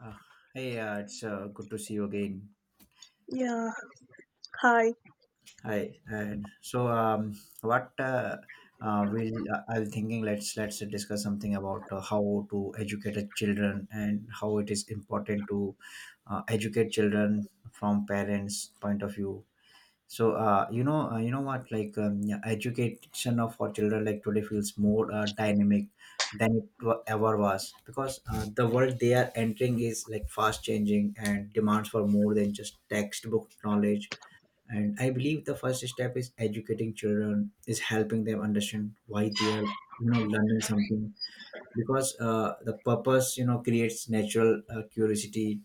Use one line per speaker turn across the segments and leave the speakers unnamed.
Uh, Hey, it's good to see you again.
Yeah, hi.
Hi, and so what we'll I was thinking let's discuss something about how to educate the children and how it is important to educate children from parents' point of view. So you know what like yeah, Education of our children like today feels more dynamic than ever was because the world they are entering is like fast changing and demands for more than just textbook knowledge. And I believe the first step is educating children is helping them understand why they are learning something, because the purpose creates natural curiosity.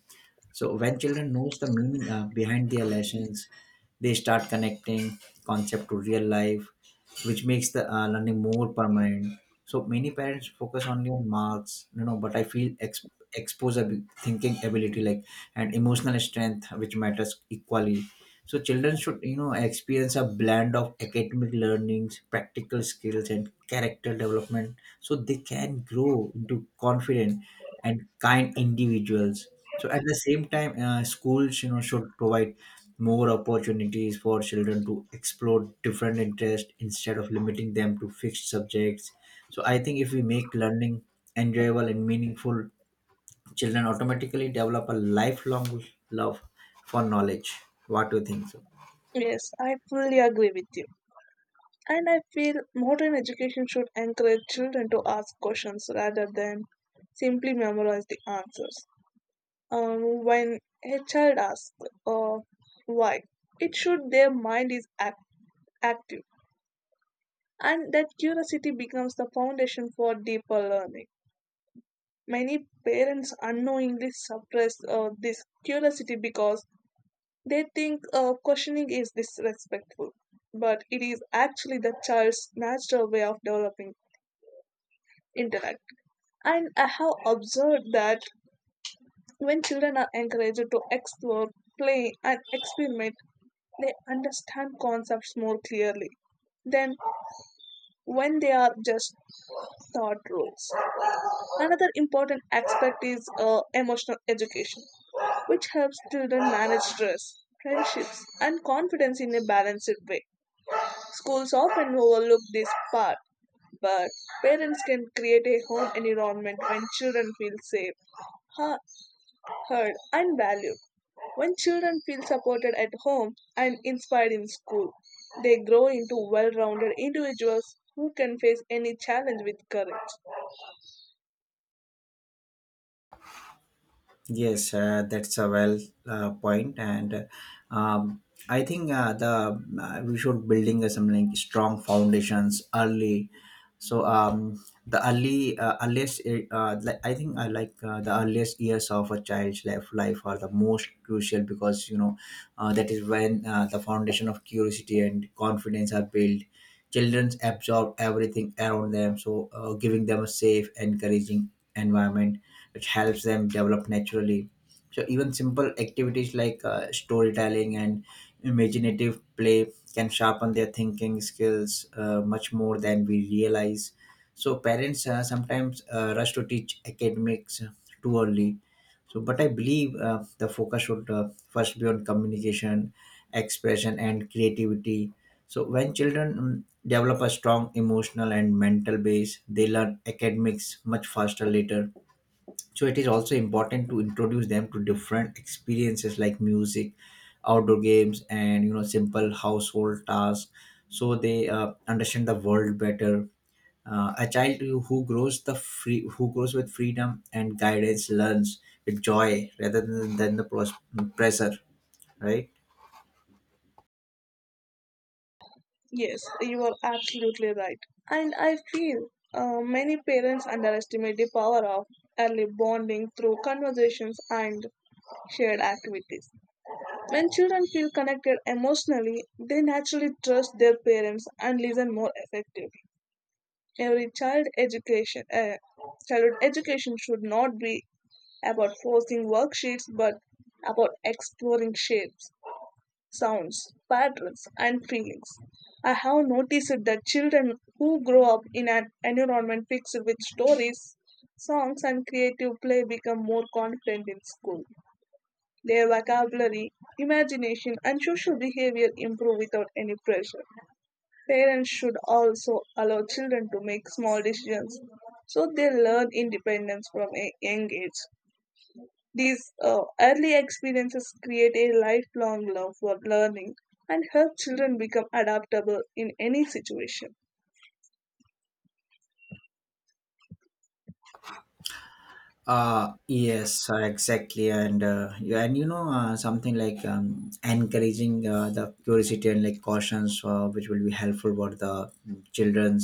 So when children knows the meaning behind their lessons, they start connecting concept to real life, which makes the learning more permanent. So many parents focus only on marks, you know, but I feel exposure, thinking ability, like, and emotional strength, which matters equally. So children should, you know, experience a blend of academic learnings, practical skills, and character development, so they can grow into confident and kind individuals. So at the same time, schools, you know, should provide more opportunities for children to explore different interests instead of limiting them to fixed subjects. So I think if we make learning enjoyable and meaningful, children automatically develop a lifelong love for knowledge. What do you think? So?
Yes, I fully agree with you. And I feel modern education should encourage children to ask questions rather than simply memorize the answers. When a child asks uh, why, it should their mind is act- active, and that curiosity becomes the foundation for deeper learning. Many parents unknowingly suppress this curiosity because they think questioning is disrespectful, but it is actually the child's natural way of developing intellect. And I have observed that when children are encouraged to explore, play, and experiment, they understand concepts more clearly than when they are just taught rules. Another important aspect is emotional education, which helps children manage stress, friendships, and confidence in a balanced way. Schools often overlook this part, but parents can create a home environment when children feel safe, ha- heard, and valued. When children feel supported at home and inspired in school, they grow into well rounded individuals who can face any challenge with courage.
Yes, that's a well point, and um, I think the we should building some like strong foundations early. So the early earliest like, I think I like The earliest years of a child's life are the most crucial because you know that is when the foundation of curiosity and confidence are built. Children absorb everything around them, so giving them a safe, encouraging environment, which helps them develop naturally. So even simple activities like storytelling and imaginative play can sharpen their thinking skills much more than we realize. So parents sometimes rush to teach academics too early so, but I believe the focus should first be on communication, expression, and creativity. So, when children develop a strong emotional and mental base, they learn academics much faster later. So it is also important to introduce them to different experiences like music, outdoor games, and you know simple household tasks, so they understand the world better. A child who grows with freedom and guidance learns with joy rather than pressure, right?
Yes, you are absolutely right. And I feel many parents underestimate the power of early bonding through conversations and shared activities. When children feel connected emotionally, they naturally trust their parents and listen more effectively. Every child education, uh, Childhood education should not be about forcing worksheets, but about exploring shapes, sounds, patterns, and feelings. I have noticed that children who grow up in an environment fixed with stories, songs, and creative play become more confident in school. Their vocabulary, imagination, and social behavior improve without any pressure. Parents should also allow children to make small decisions so they learn independence from a young age. These early experiences create a lifelong love for learning and help children become adaptable in any situation.
Yes, exactly, and and you know something like encouraging the curiosity and like cautions, which will be helpful for the children.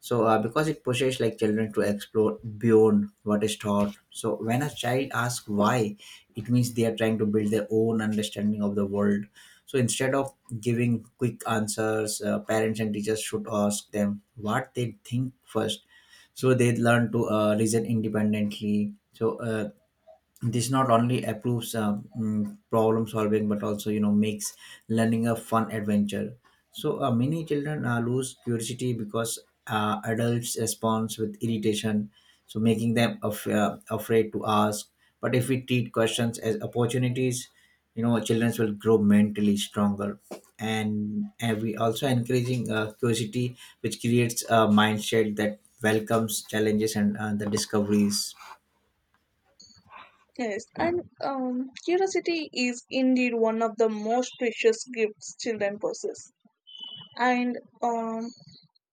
So because it pushes like children to explore beyond what is taught. So when a child asks why, it means they are trying to build their own understanding of the world. So instead of giving quick answers, parents and teachers should ask them what they think first, so they learn to reason independently. So this not only approves problem solving but also you know makes learning a fun adventure. So many children lose curiosity because adults respond with irritation, so making them afraid to ask. But if we treat questions as opportunities, you know children will grow mentally stronger, and we also encouraging curiosity, which creates a mindset that welcomes challenges and the discoveries.
Yes, and curiosity is indeed one of the most precious gifts children possess. And um,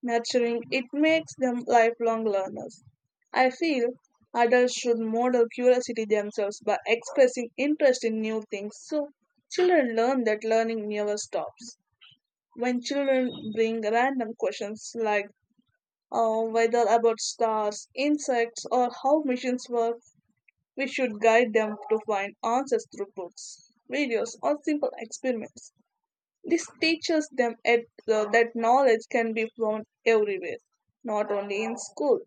nurturing, it makes them lifelong learners. I feel adults should model curiosity themselves by expressing interest in new things so children learn that learning never stops. When children bring random questions like whether about stars, insects, or how machines work, we should guide them to find answers through books, videos, or simple experiments. This teaches them that knowledge can be found everywhere, not only in school.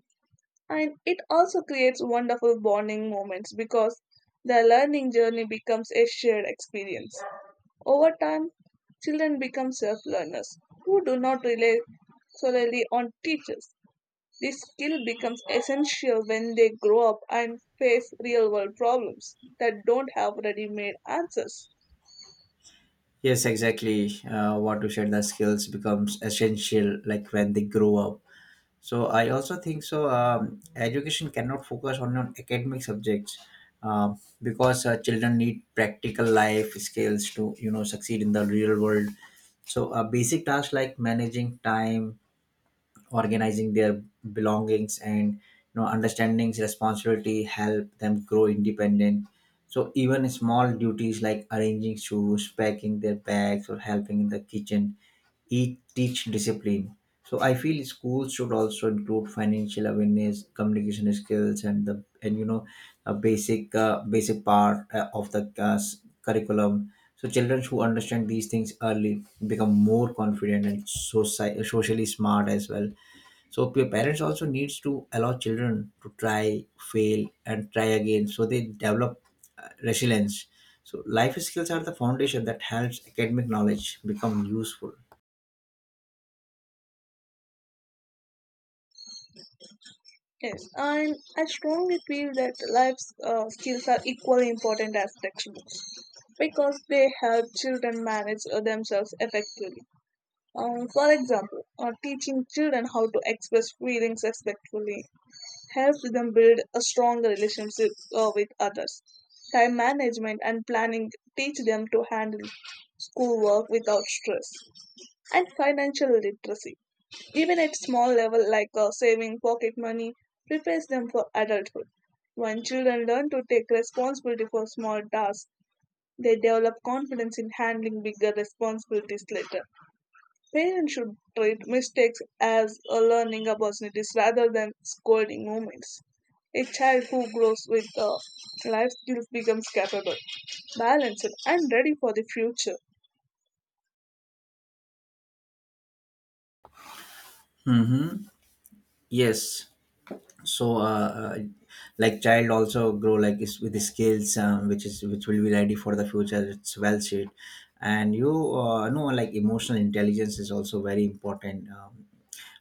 And it also creates wonderful bonding moments because the learning journey becomes a shared experience. Over time, children become self learners who do not rely solely on teachers. This skill becomes essential when they grow up and face real world problems that don't have ready made answers.
Yes, exactly. What to share the skills becomes essential, like when they grow up. So I also think so. Education cannot focus on academic subjects, because children need practical life skills to you know succeed in the real world. So a basic task like managing time, organizing their belongings, and you know understandings responsibility help them grow independent. So even small duties like arranging shoes, packing their bags, or helping in the kitchen each teach discipline. So I feel schools should also include financial awareness, communication skills, and the and you know a basic basic part of the curriculum. So children who understand these things early become more confident and socially smart as well. So your parents also needs to allow children to try, fail, and try again, so they develop resilience. So life skills are the foundation that helps academic knowledge become useful.
Yes, and I strongly feel that life skills are equally important as textbooks because they help children manage themselves effectively. For example, teaching children how to express feelings respectfully helps them build a stronger relationship with others. Time management and planning teach them to handle schoolwork without stress and financial literacy, even at small level like saving pocket money, prepares them for adulthood. When children learn to take responsibility for small tasks, they develop confidence in handling bigger responsibilities later. Parents should treat mistakes as a learning opportunities rather than scolding moments. A child who grows with life skills becomes capable, balanced, and ready for the future.
Mm-hmm. Yes, so like child also grow like is with the skills, which will be ready for the future, it's well said. And you know, like, emotional intelligence is also very important,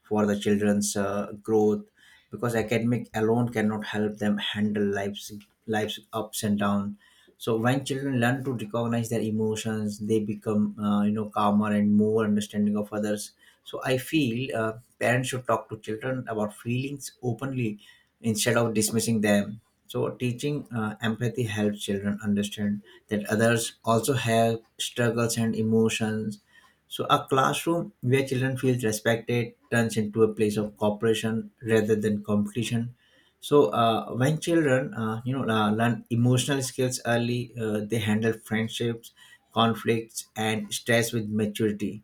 for the children's growth, because academic alone cannot help them handle life's ups and downs. So when children learn to recognize their emotions, they become you know calmer and more understanding of others. So I feel parents should talk to children about feelings openly instead of dismissing them. So teaching empathy helps children understand that others also have struggles and emotions. So a classroom where children feel respected turns into a place of cooperation rather than competition. So when children, you know, learn emotional skills early, they handle friendships, conflicts, and stress with maturity.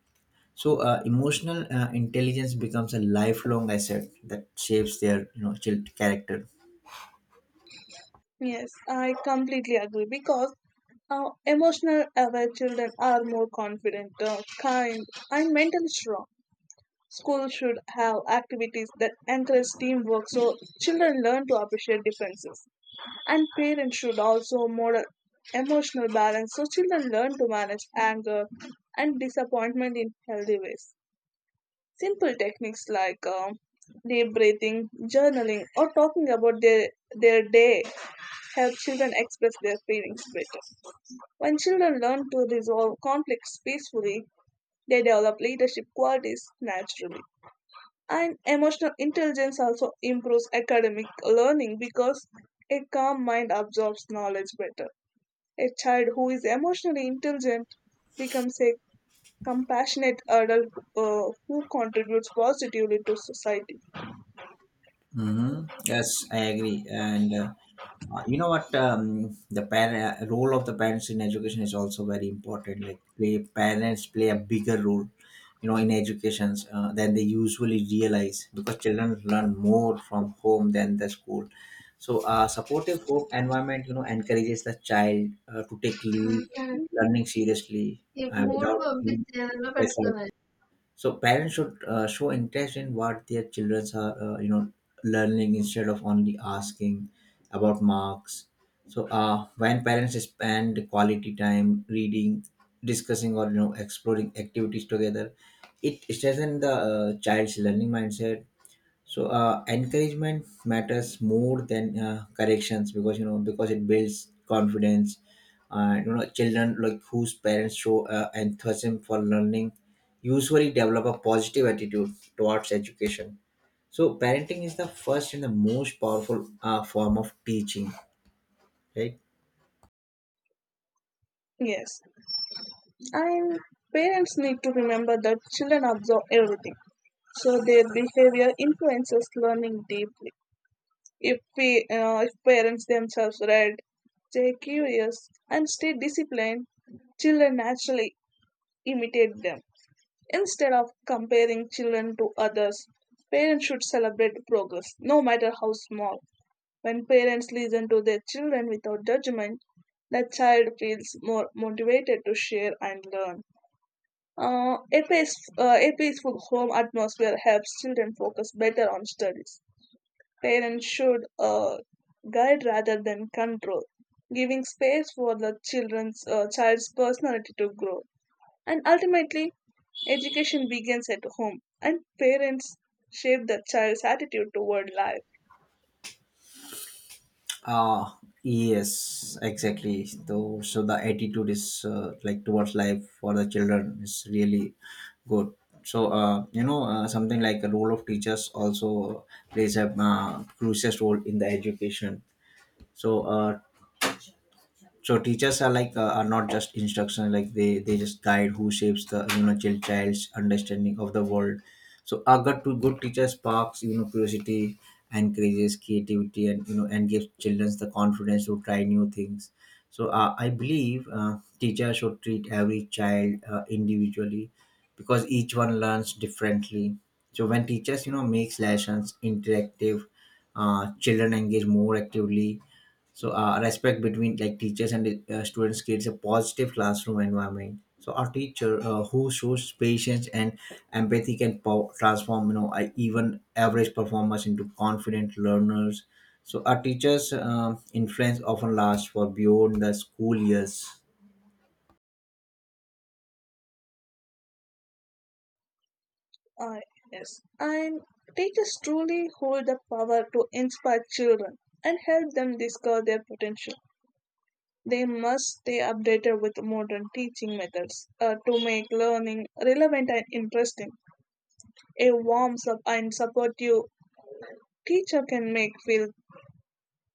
So emotional intelligence becomes a lifelong asset that shapes their, you know, child character.
Yes, I completely agree because emotional aware children are more confident, kind, and mentally strong. Schools should have activities that encourage teamwork so children learn to appreciate differences. And parents should also model emotional balance so children learn to manage anger and disappointment in healthy ways. Simple techniques like deep breathing, journaling, or talking about their day help children express their feelings better. When children learn to resolve conflicts peacefully, they develop leadership qualities naturally. And emotional intelligence also improves academic learning because a calm mind absorbs knowledge better. A child who is emotionally intelligent becomes a compassionate adult who contributes positively to society.
Hmm. Yes, I agree. And you know what? The parent role of the parents in education is also very important. Like, play, parents play a bigger role, you know, in educations than they usually realize because children learn more from home than the school. So, supportive home environment, you know, encourages the child to take leave, learning seriously without feeling pressured. So parents should show interest in what their children are you know learning, instead of only asking about marks. So when parents spend quality time reading, discussing, or you know exploring activities together, it strengthens the child's learning mindset. So encouragement matters more than corrections, because you know because it builds confidence. You know, children like whose parents show enthusiasm for learning usually develop a positive attitude towards education. So parenting is the first and the most powerful form of teaching, right?
Yes, and parents need to remember that children absorb everything. So their behavior influences learning deeply. If parents themselves read, stay curious, and stay disciplined, children naturally imitate them. Instead of comparing children to others, parents should celebrate progress, no matter how small. When parents listen to their children without judgment, the child feels more motivated to share and learn. Uh, a, pace, a peaceful home atmosphere helps children focus better on studies. Parents should guide rather than control, giving space for the children's child's personality to grow. And ultimately, education begins at home, and parents shape the child's attitude toward life.
Ah, yes, exactly. So, so the attitude is like towards life for the children is really good. So, you know, something like a role of teachers also plays a crucial role in the education. So, so teachers are like are not just instruction, like they just guide who shapes the you know child's understanding of the world. So a good teacher sparks you know curiosity, encourages creativity, and you know and gives children the confidence to try new things. So I believe teachers should treat every child individually because each one learns differently. So when teachers you know makes lessons interactive, children engage more actively. So respect between like teachers and students creates a positive classroom environment. So our teacher who shows patience and empathy can transform you know even average performers into confident learners. So our teachers influence often lasts for beyond the school years.
Uh, yes, and teachers truly hold the power to inspire children and help them discover their potential. They must stay updated with modern teaching methods to make learning relevant and interesting. A warm and supportive teacher can make feel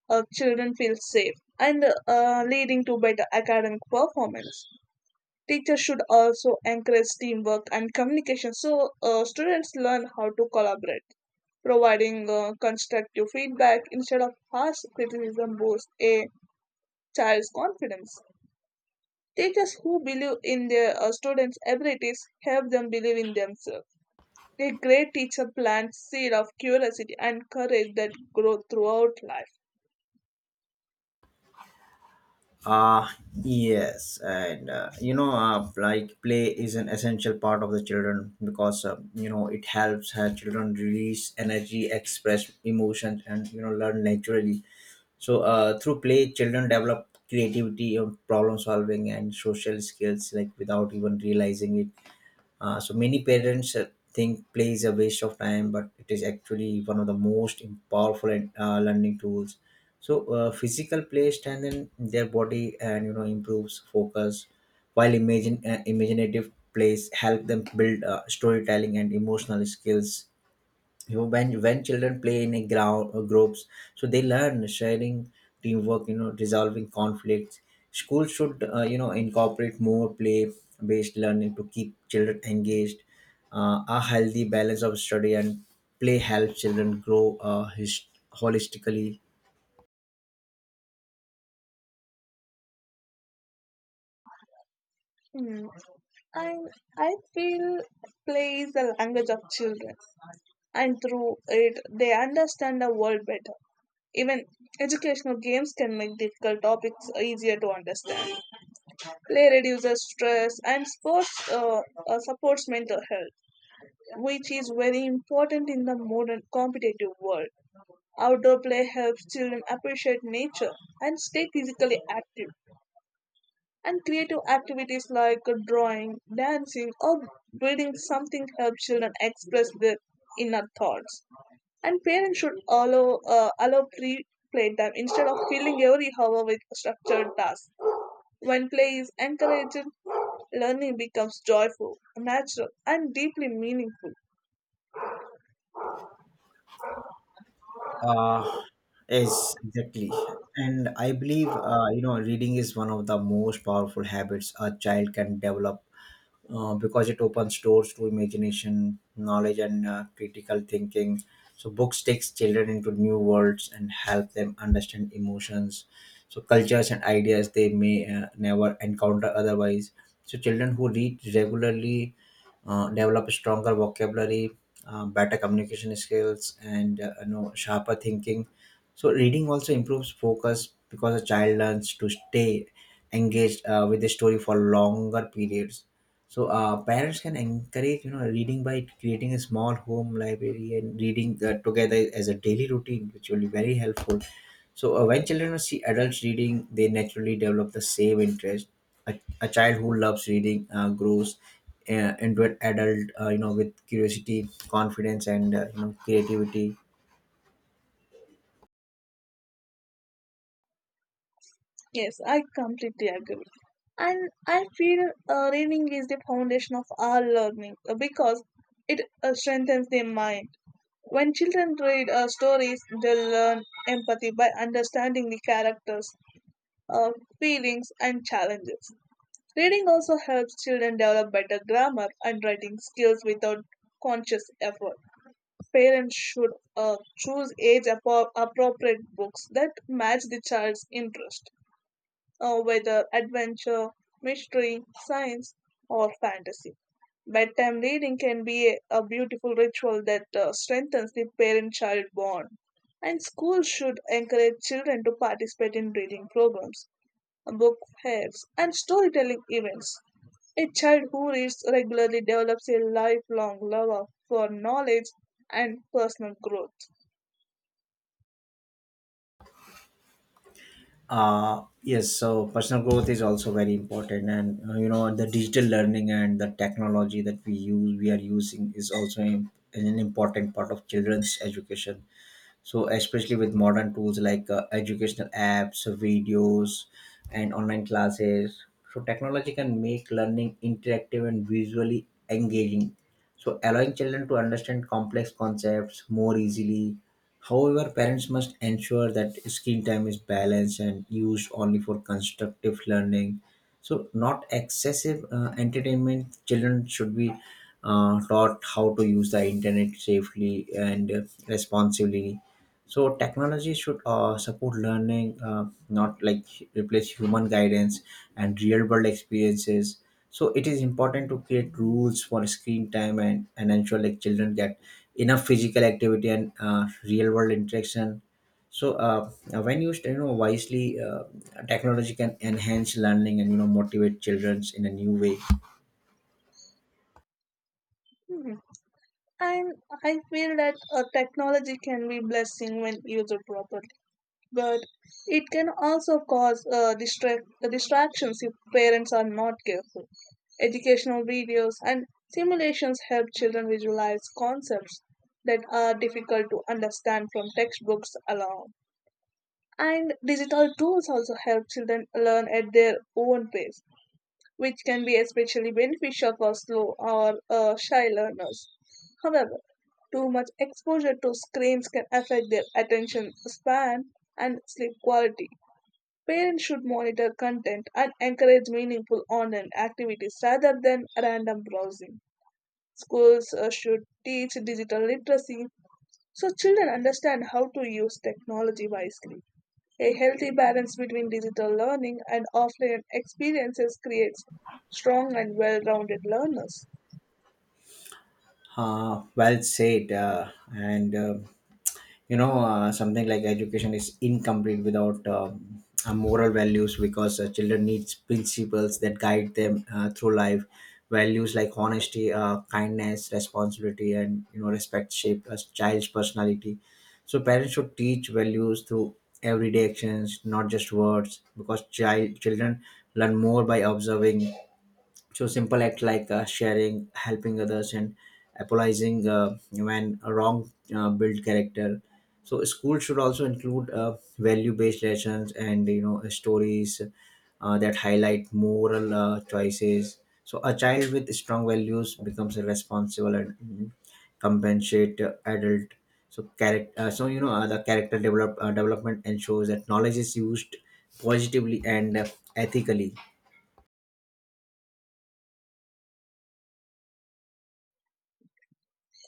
children feel safe and leading to better academic performance. Teachers should also encourage teamwork and communication so students learn how to collaborate, providing constructive feedback instead of harsh criticism boosts a child's confidence. Teachers who believe in their students' abilities help them believe in themselves. A great teacher plants seed of curiosity and courage that grow throughout life.
Ah, yes, and you know, like play is an essential part of the children because you know it helps her children release energy, express emotions, and you know learn naturally. So, through play, children develop creativity, problem solving, and social skills like without even realizing it. So many parents think play is a waste of time, but it is actually one of the most powerful and, learning tools. So physical play strengthens their body and you know improves focus, while imagine imaginative plays help them build storytelling and emotional skills. You know, when children play in a ground groups, so they learn sharing, teamwork, you know, resolving conflicts. Schools should you know incorporate more play based learning to keep children engaged. A healthy balance of study and play helps children grow holistically.
Hmm. I I feel play is the language of children, and through it they understand the world better. Even educational games can make difficult topics easier to understand. Play reduces stress and sports supports mental health, which is very important in the modern competitive world. Outdoor play helps children appreciate nature and stay physically active. And creative activities like drawing, dancing, or building something help children express their inner thoughts. And parents should allow free playtime instead of filling every hour with structured tasks. When play is encouraged, learning becomes joyful, natural, and deeply meaningful.
Uh, yes, exactly. And I believe, you know, reading is one of the most powerful habits a child can develop because it opens doors to imagination, knowledge, and critical thinking. So books takes children into new worlds and help them understand emotions, so cultures and ideas they may never encounter otherwise. So children who read regularly develop stronger vocabulary, better communication skills, and you know sharper thinking. So reading also improves focus because a child learns to stay engaged with the story for longer periods. So parents can encourage reading by creating a small home library and reading together as a daily routine, which will be very helpful So when children see adults reading, they naturally develop the same interest. A child who loves reading grows into an adult, with curiosity, confidence, and creativity.
Yes, I completely agree. And I feel reading is the foundation of all learning because it strengthens the mind. When children read stories, they learn empathy by understanding the characters, uh, feelings, and challenges. Reading also helps children develop better grammar and writing skills without conscious effort. Parents should choose appropriate books that match the child's interest, whether adventure, mystery, science, or fantasy. Bedtime reading can be a beautiful ritual that strengthens the parent child bond. And schools should encourage children to participate in reading programs, book fairs, and storytelling events. A child who reads regularly develops a lifelong love for knowledge and personal growth.
Yes, so personal growth is also very important, and the digital learning and the technology that we use, we are using, is also an important part of children's education, so especially with modern tools like educational apps, videos, and online classes. So technology can make learning interactive and visually engaging, so allowing children to understand complex concepts more easily. However, parents must ensure that screen time is balanced and used only for constructive learning, so not excessive entertainment. Children should be taught how to use the internet safely and responsibly. So technology should support learning, not like replace human guidance and real world experiences. So it is important to create rules for screen time, and ensure like children get enough physical activity and real world interaction. So when used, wisely, technology can enhance learning and motivate children in a new way.
Mhm. And I feel that technology can be blessing when used properly, but it can also cause distractions if parents are not careful. Educational videos and simulations help children visualize concepts that are difficult to understand from textbooks alone. And digital tools also help children learn at their own pace, which can be especially beneficial for slow or shy learners. However, too much exposure to screens can affect their attention span and sleep quality. Parents should monitor content and encourage meaningful online activities rather than random browsing. Schools should teach digital literacy so children understand how to use technology wisely. A healthy balance between digital learning and offline experiences creates strong and well rounded learners.
Well said, and something like education is incomplete without moral values, because children needs principles that guide them through life. Values like honesty, kindness, responsibility, and respect shape a child's personality. So parents should teach values through everyday actions, not just words, because children learn more by observing. So simple act like sharing, helping others, and apologizing when wrong build character. So school should also include value-based lessons and stories that highlight moral choices. So a child with strong values becomes a responsible and compensate adult. So character, so you know the character development ensures that knowledge is used positively and ethically.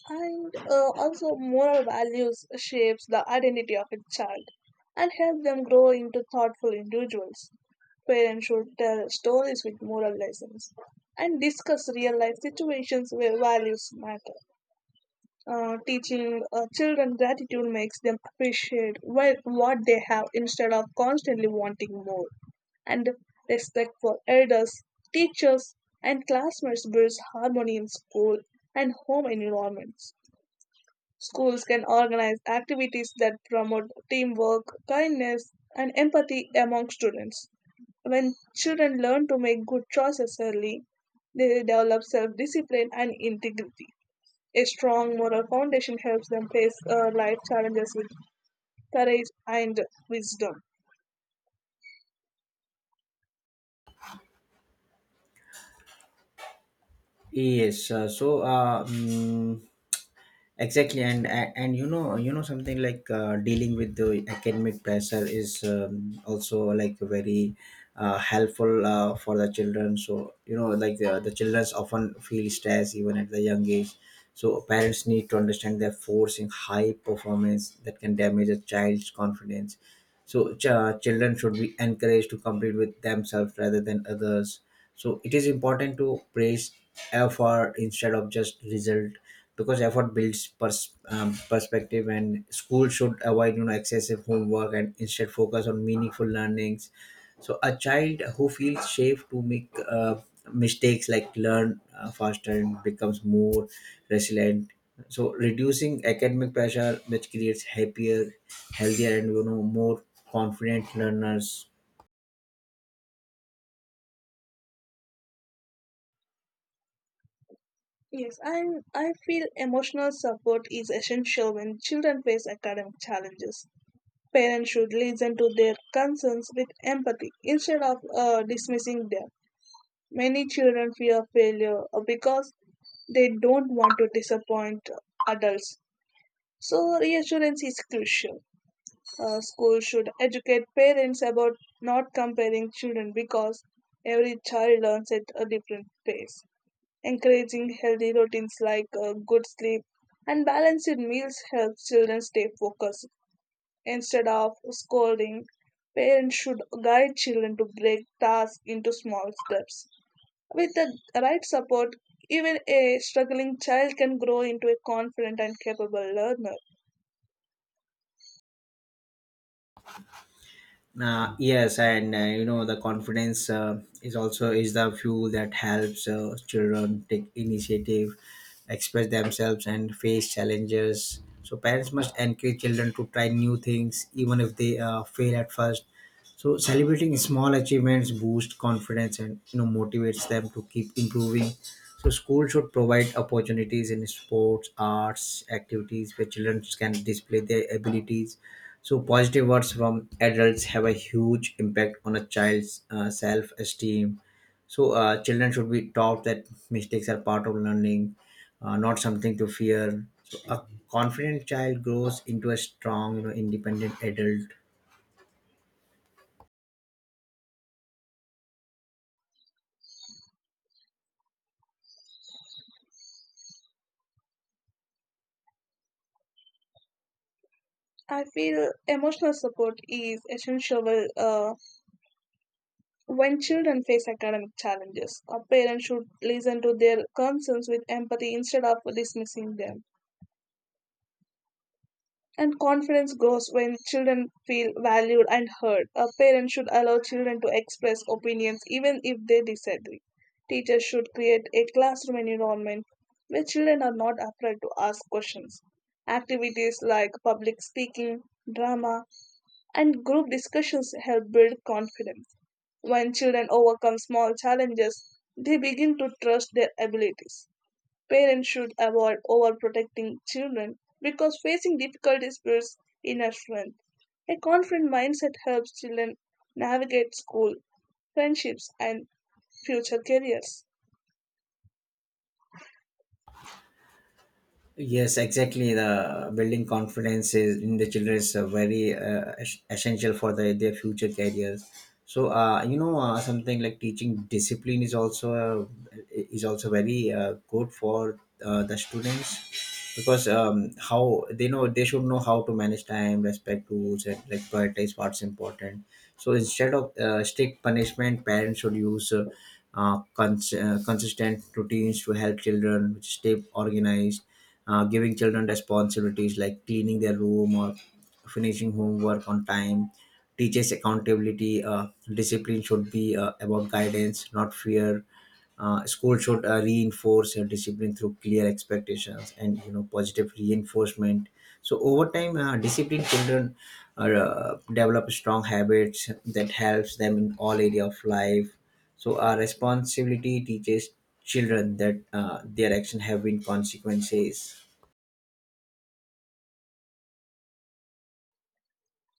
And also, moral values shapes the identity of a child and help them grow into thoughtful individuals. Parents should tell stories with moral lessons and discuss real life situations where values matter. Teaching children gratitude makes them appreciate what they have instead of constantly wanting more. And respect for elders, teachers, and classmates builds harmony in school and home environments. Schools can organize activities that promote teamwork, kindness, and empathy among students. When children learn to make good choices early, they develop self discipline and integrity. A strong moral foundation helps them face life challenges with courage and wisdom.
Yes, exactly, and something like dealing with the academic pressure is also like very helpful for the children. So like the children often feel stress even at the young age. So parents need to understand that forcing high performance that can damage a child's confidence, so children should be encouraged to compete with themselves rather than others. So it is important to praise effort instead of just result, because effort builds perspective. And school should avoid excessive homework and instead focus on meaningful learnings. So a child who feels safe to make mistakes like learn faster and becomes more resilient. So reducing academic pressure, which creates happier, healthier, and more confident learners.
Yes, and I feel emotional support is essential when children face academic challenges. Parents should listen to their concerns with empathy instead of dismissing them. Many children fear failure because they don't want to disappoint adults. So, reassurance is crucial. Schools should educate parents about not comparing children because every child learns at a different pace. Encouraging healthy routines like good sleep and balanced meals helps children stay focused. Instead of scolding, parents should guide children to break tasks into small steps. With the right support, even a struggling child can grow into a confident and capable learner.
Yes, and the confidence is also is the fuel that helps children take initiative, express themselves, and face challenges. So parents must encourage children to try new things, even if they fail at first. So celebrating small achievements boosts confidence and motivates them to keep improving. So school should provide opportunities in sports, arts, activities where children can display their abilities. So positive words from adults have a huge impact on a child's self-esteem. So children should be taught that mistakes are part of learning, not something to fear. So a confident child grows into a strong, independent adult.
I feel emotional support is essential uh, when children face academic challenges. A parent should listen to their concerns with empathy instead of dismissing them. And confidence grows when children feel valued and heard. A parent should allow children to express opinions even if they disagree. Teachers should create a classroom environment where children are not afraid to ask questions. Activities like public speaking, drama, and group discussions help build confidence. When children overcome small challenges, they begin to trust their abilities. Parents should avoid overprotecting children because facing difficulties builds inner strength. A confident mindset helps children navigate school, friendships, and future careers.
Yes, exactly. The building confidence is in the children is very essential for the, their future careers. So something like teaching discipline is also very good for the students, because how they know they should know how to manage time, respect rules, and like prioritize what's important. So instead of strict punishment, parents should use consistent routines to help children stay organized. Giving children responsibilities like cleaning their room or finishing homework on time teaches accountability. Discipline should be about guidance, not fear. School should reinforce discipline through clear expectations and positive reinforcement. So over time, disciplined children develop strong habits that helps them in all area of life. So our responsibility teaches children that their action have been consequences.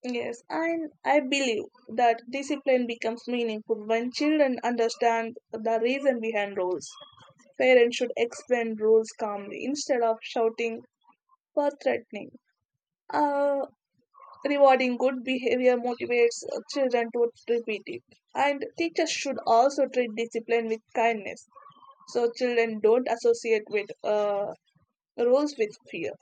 Yes, and I believe that discipline becomes meaningful when children understand the reason behind rules. Parents should explain rules calmly instead of shouting or threatening. Uh, Rewarding good behavior motivates children to repeat it. And teachers should also treat discipline with kindness so children don't associate with rules with fear.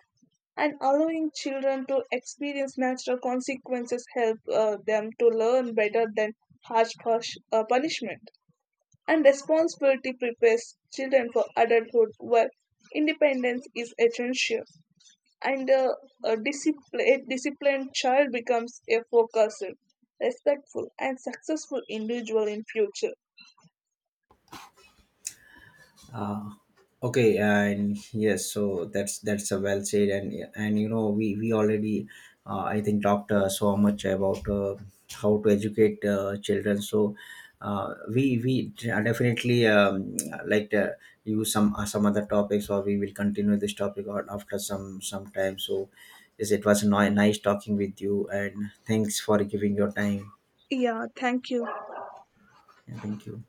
And allowing children to experience natural consequences help them to learn better than harsh punishment. And responsibility prepares children for adulthood where independence is essential, and a disciplined child becomes a focused, respectful, and successful individual in future.
Okay, and yes, so that's a well said, and we already I think talked so much about how to educate children. So we definitely like to use some other topics, or we will continue this topic or after some time. So yes, it was nice talking with you, and thanks for giving your time.
Yeah, thank you.
Yeah, thank you.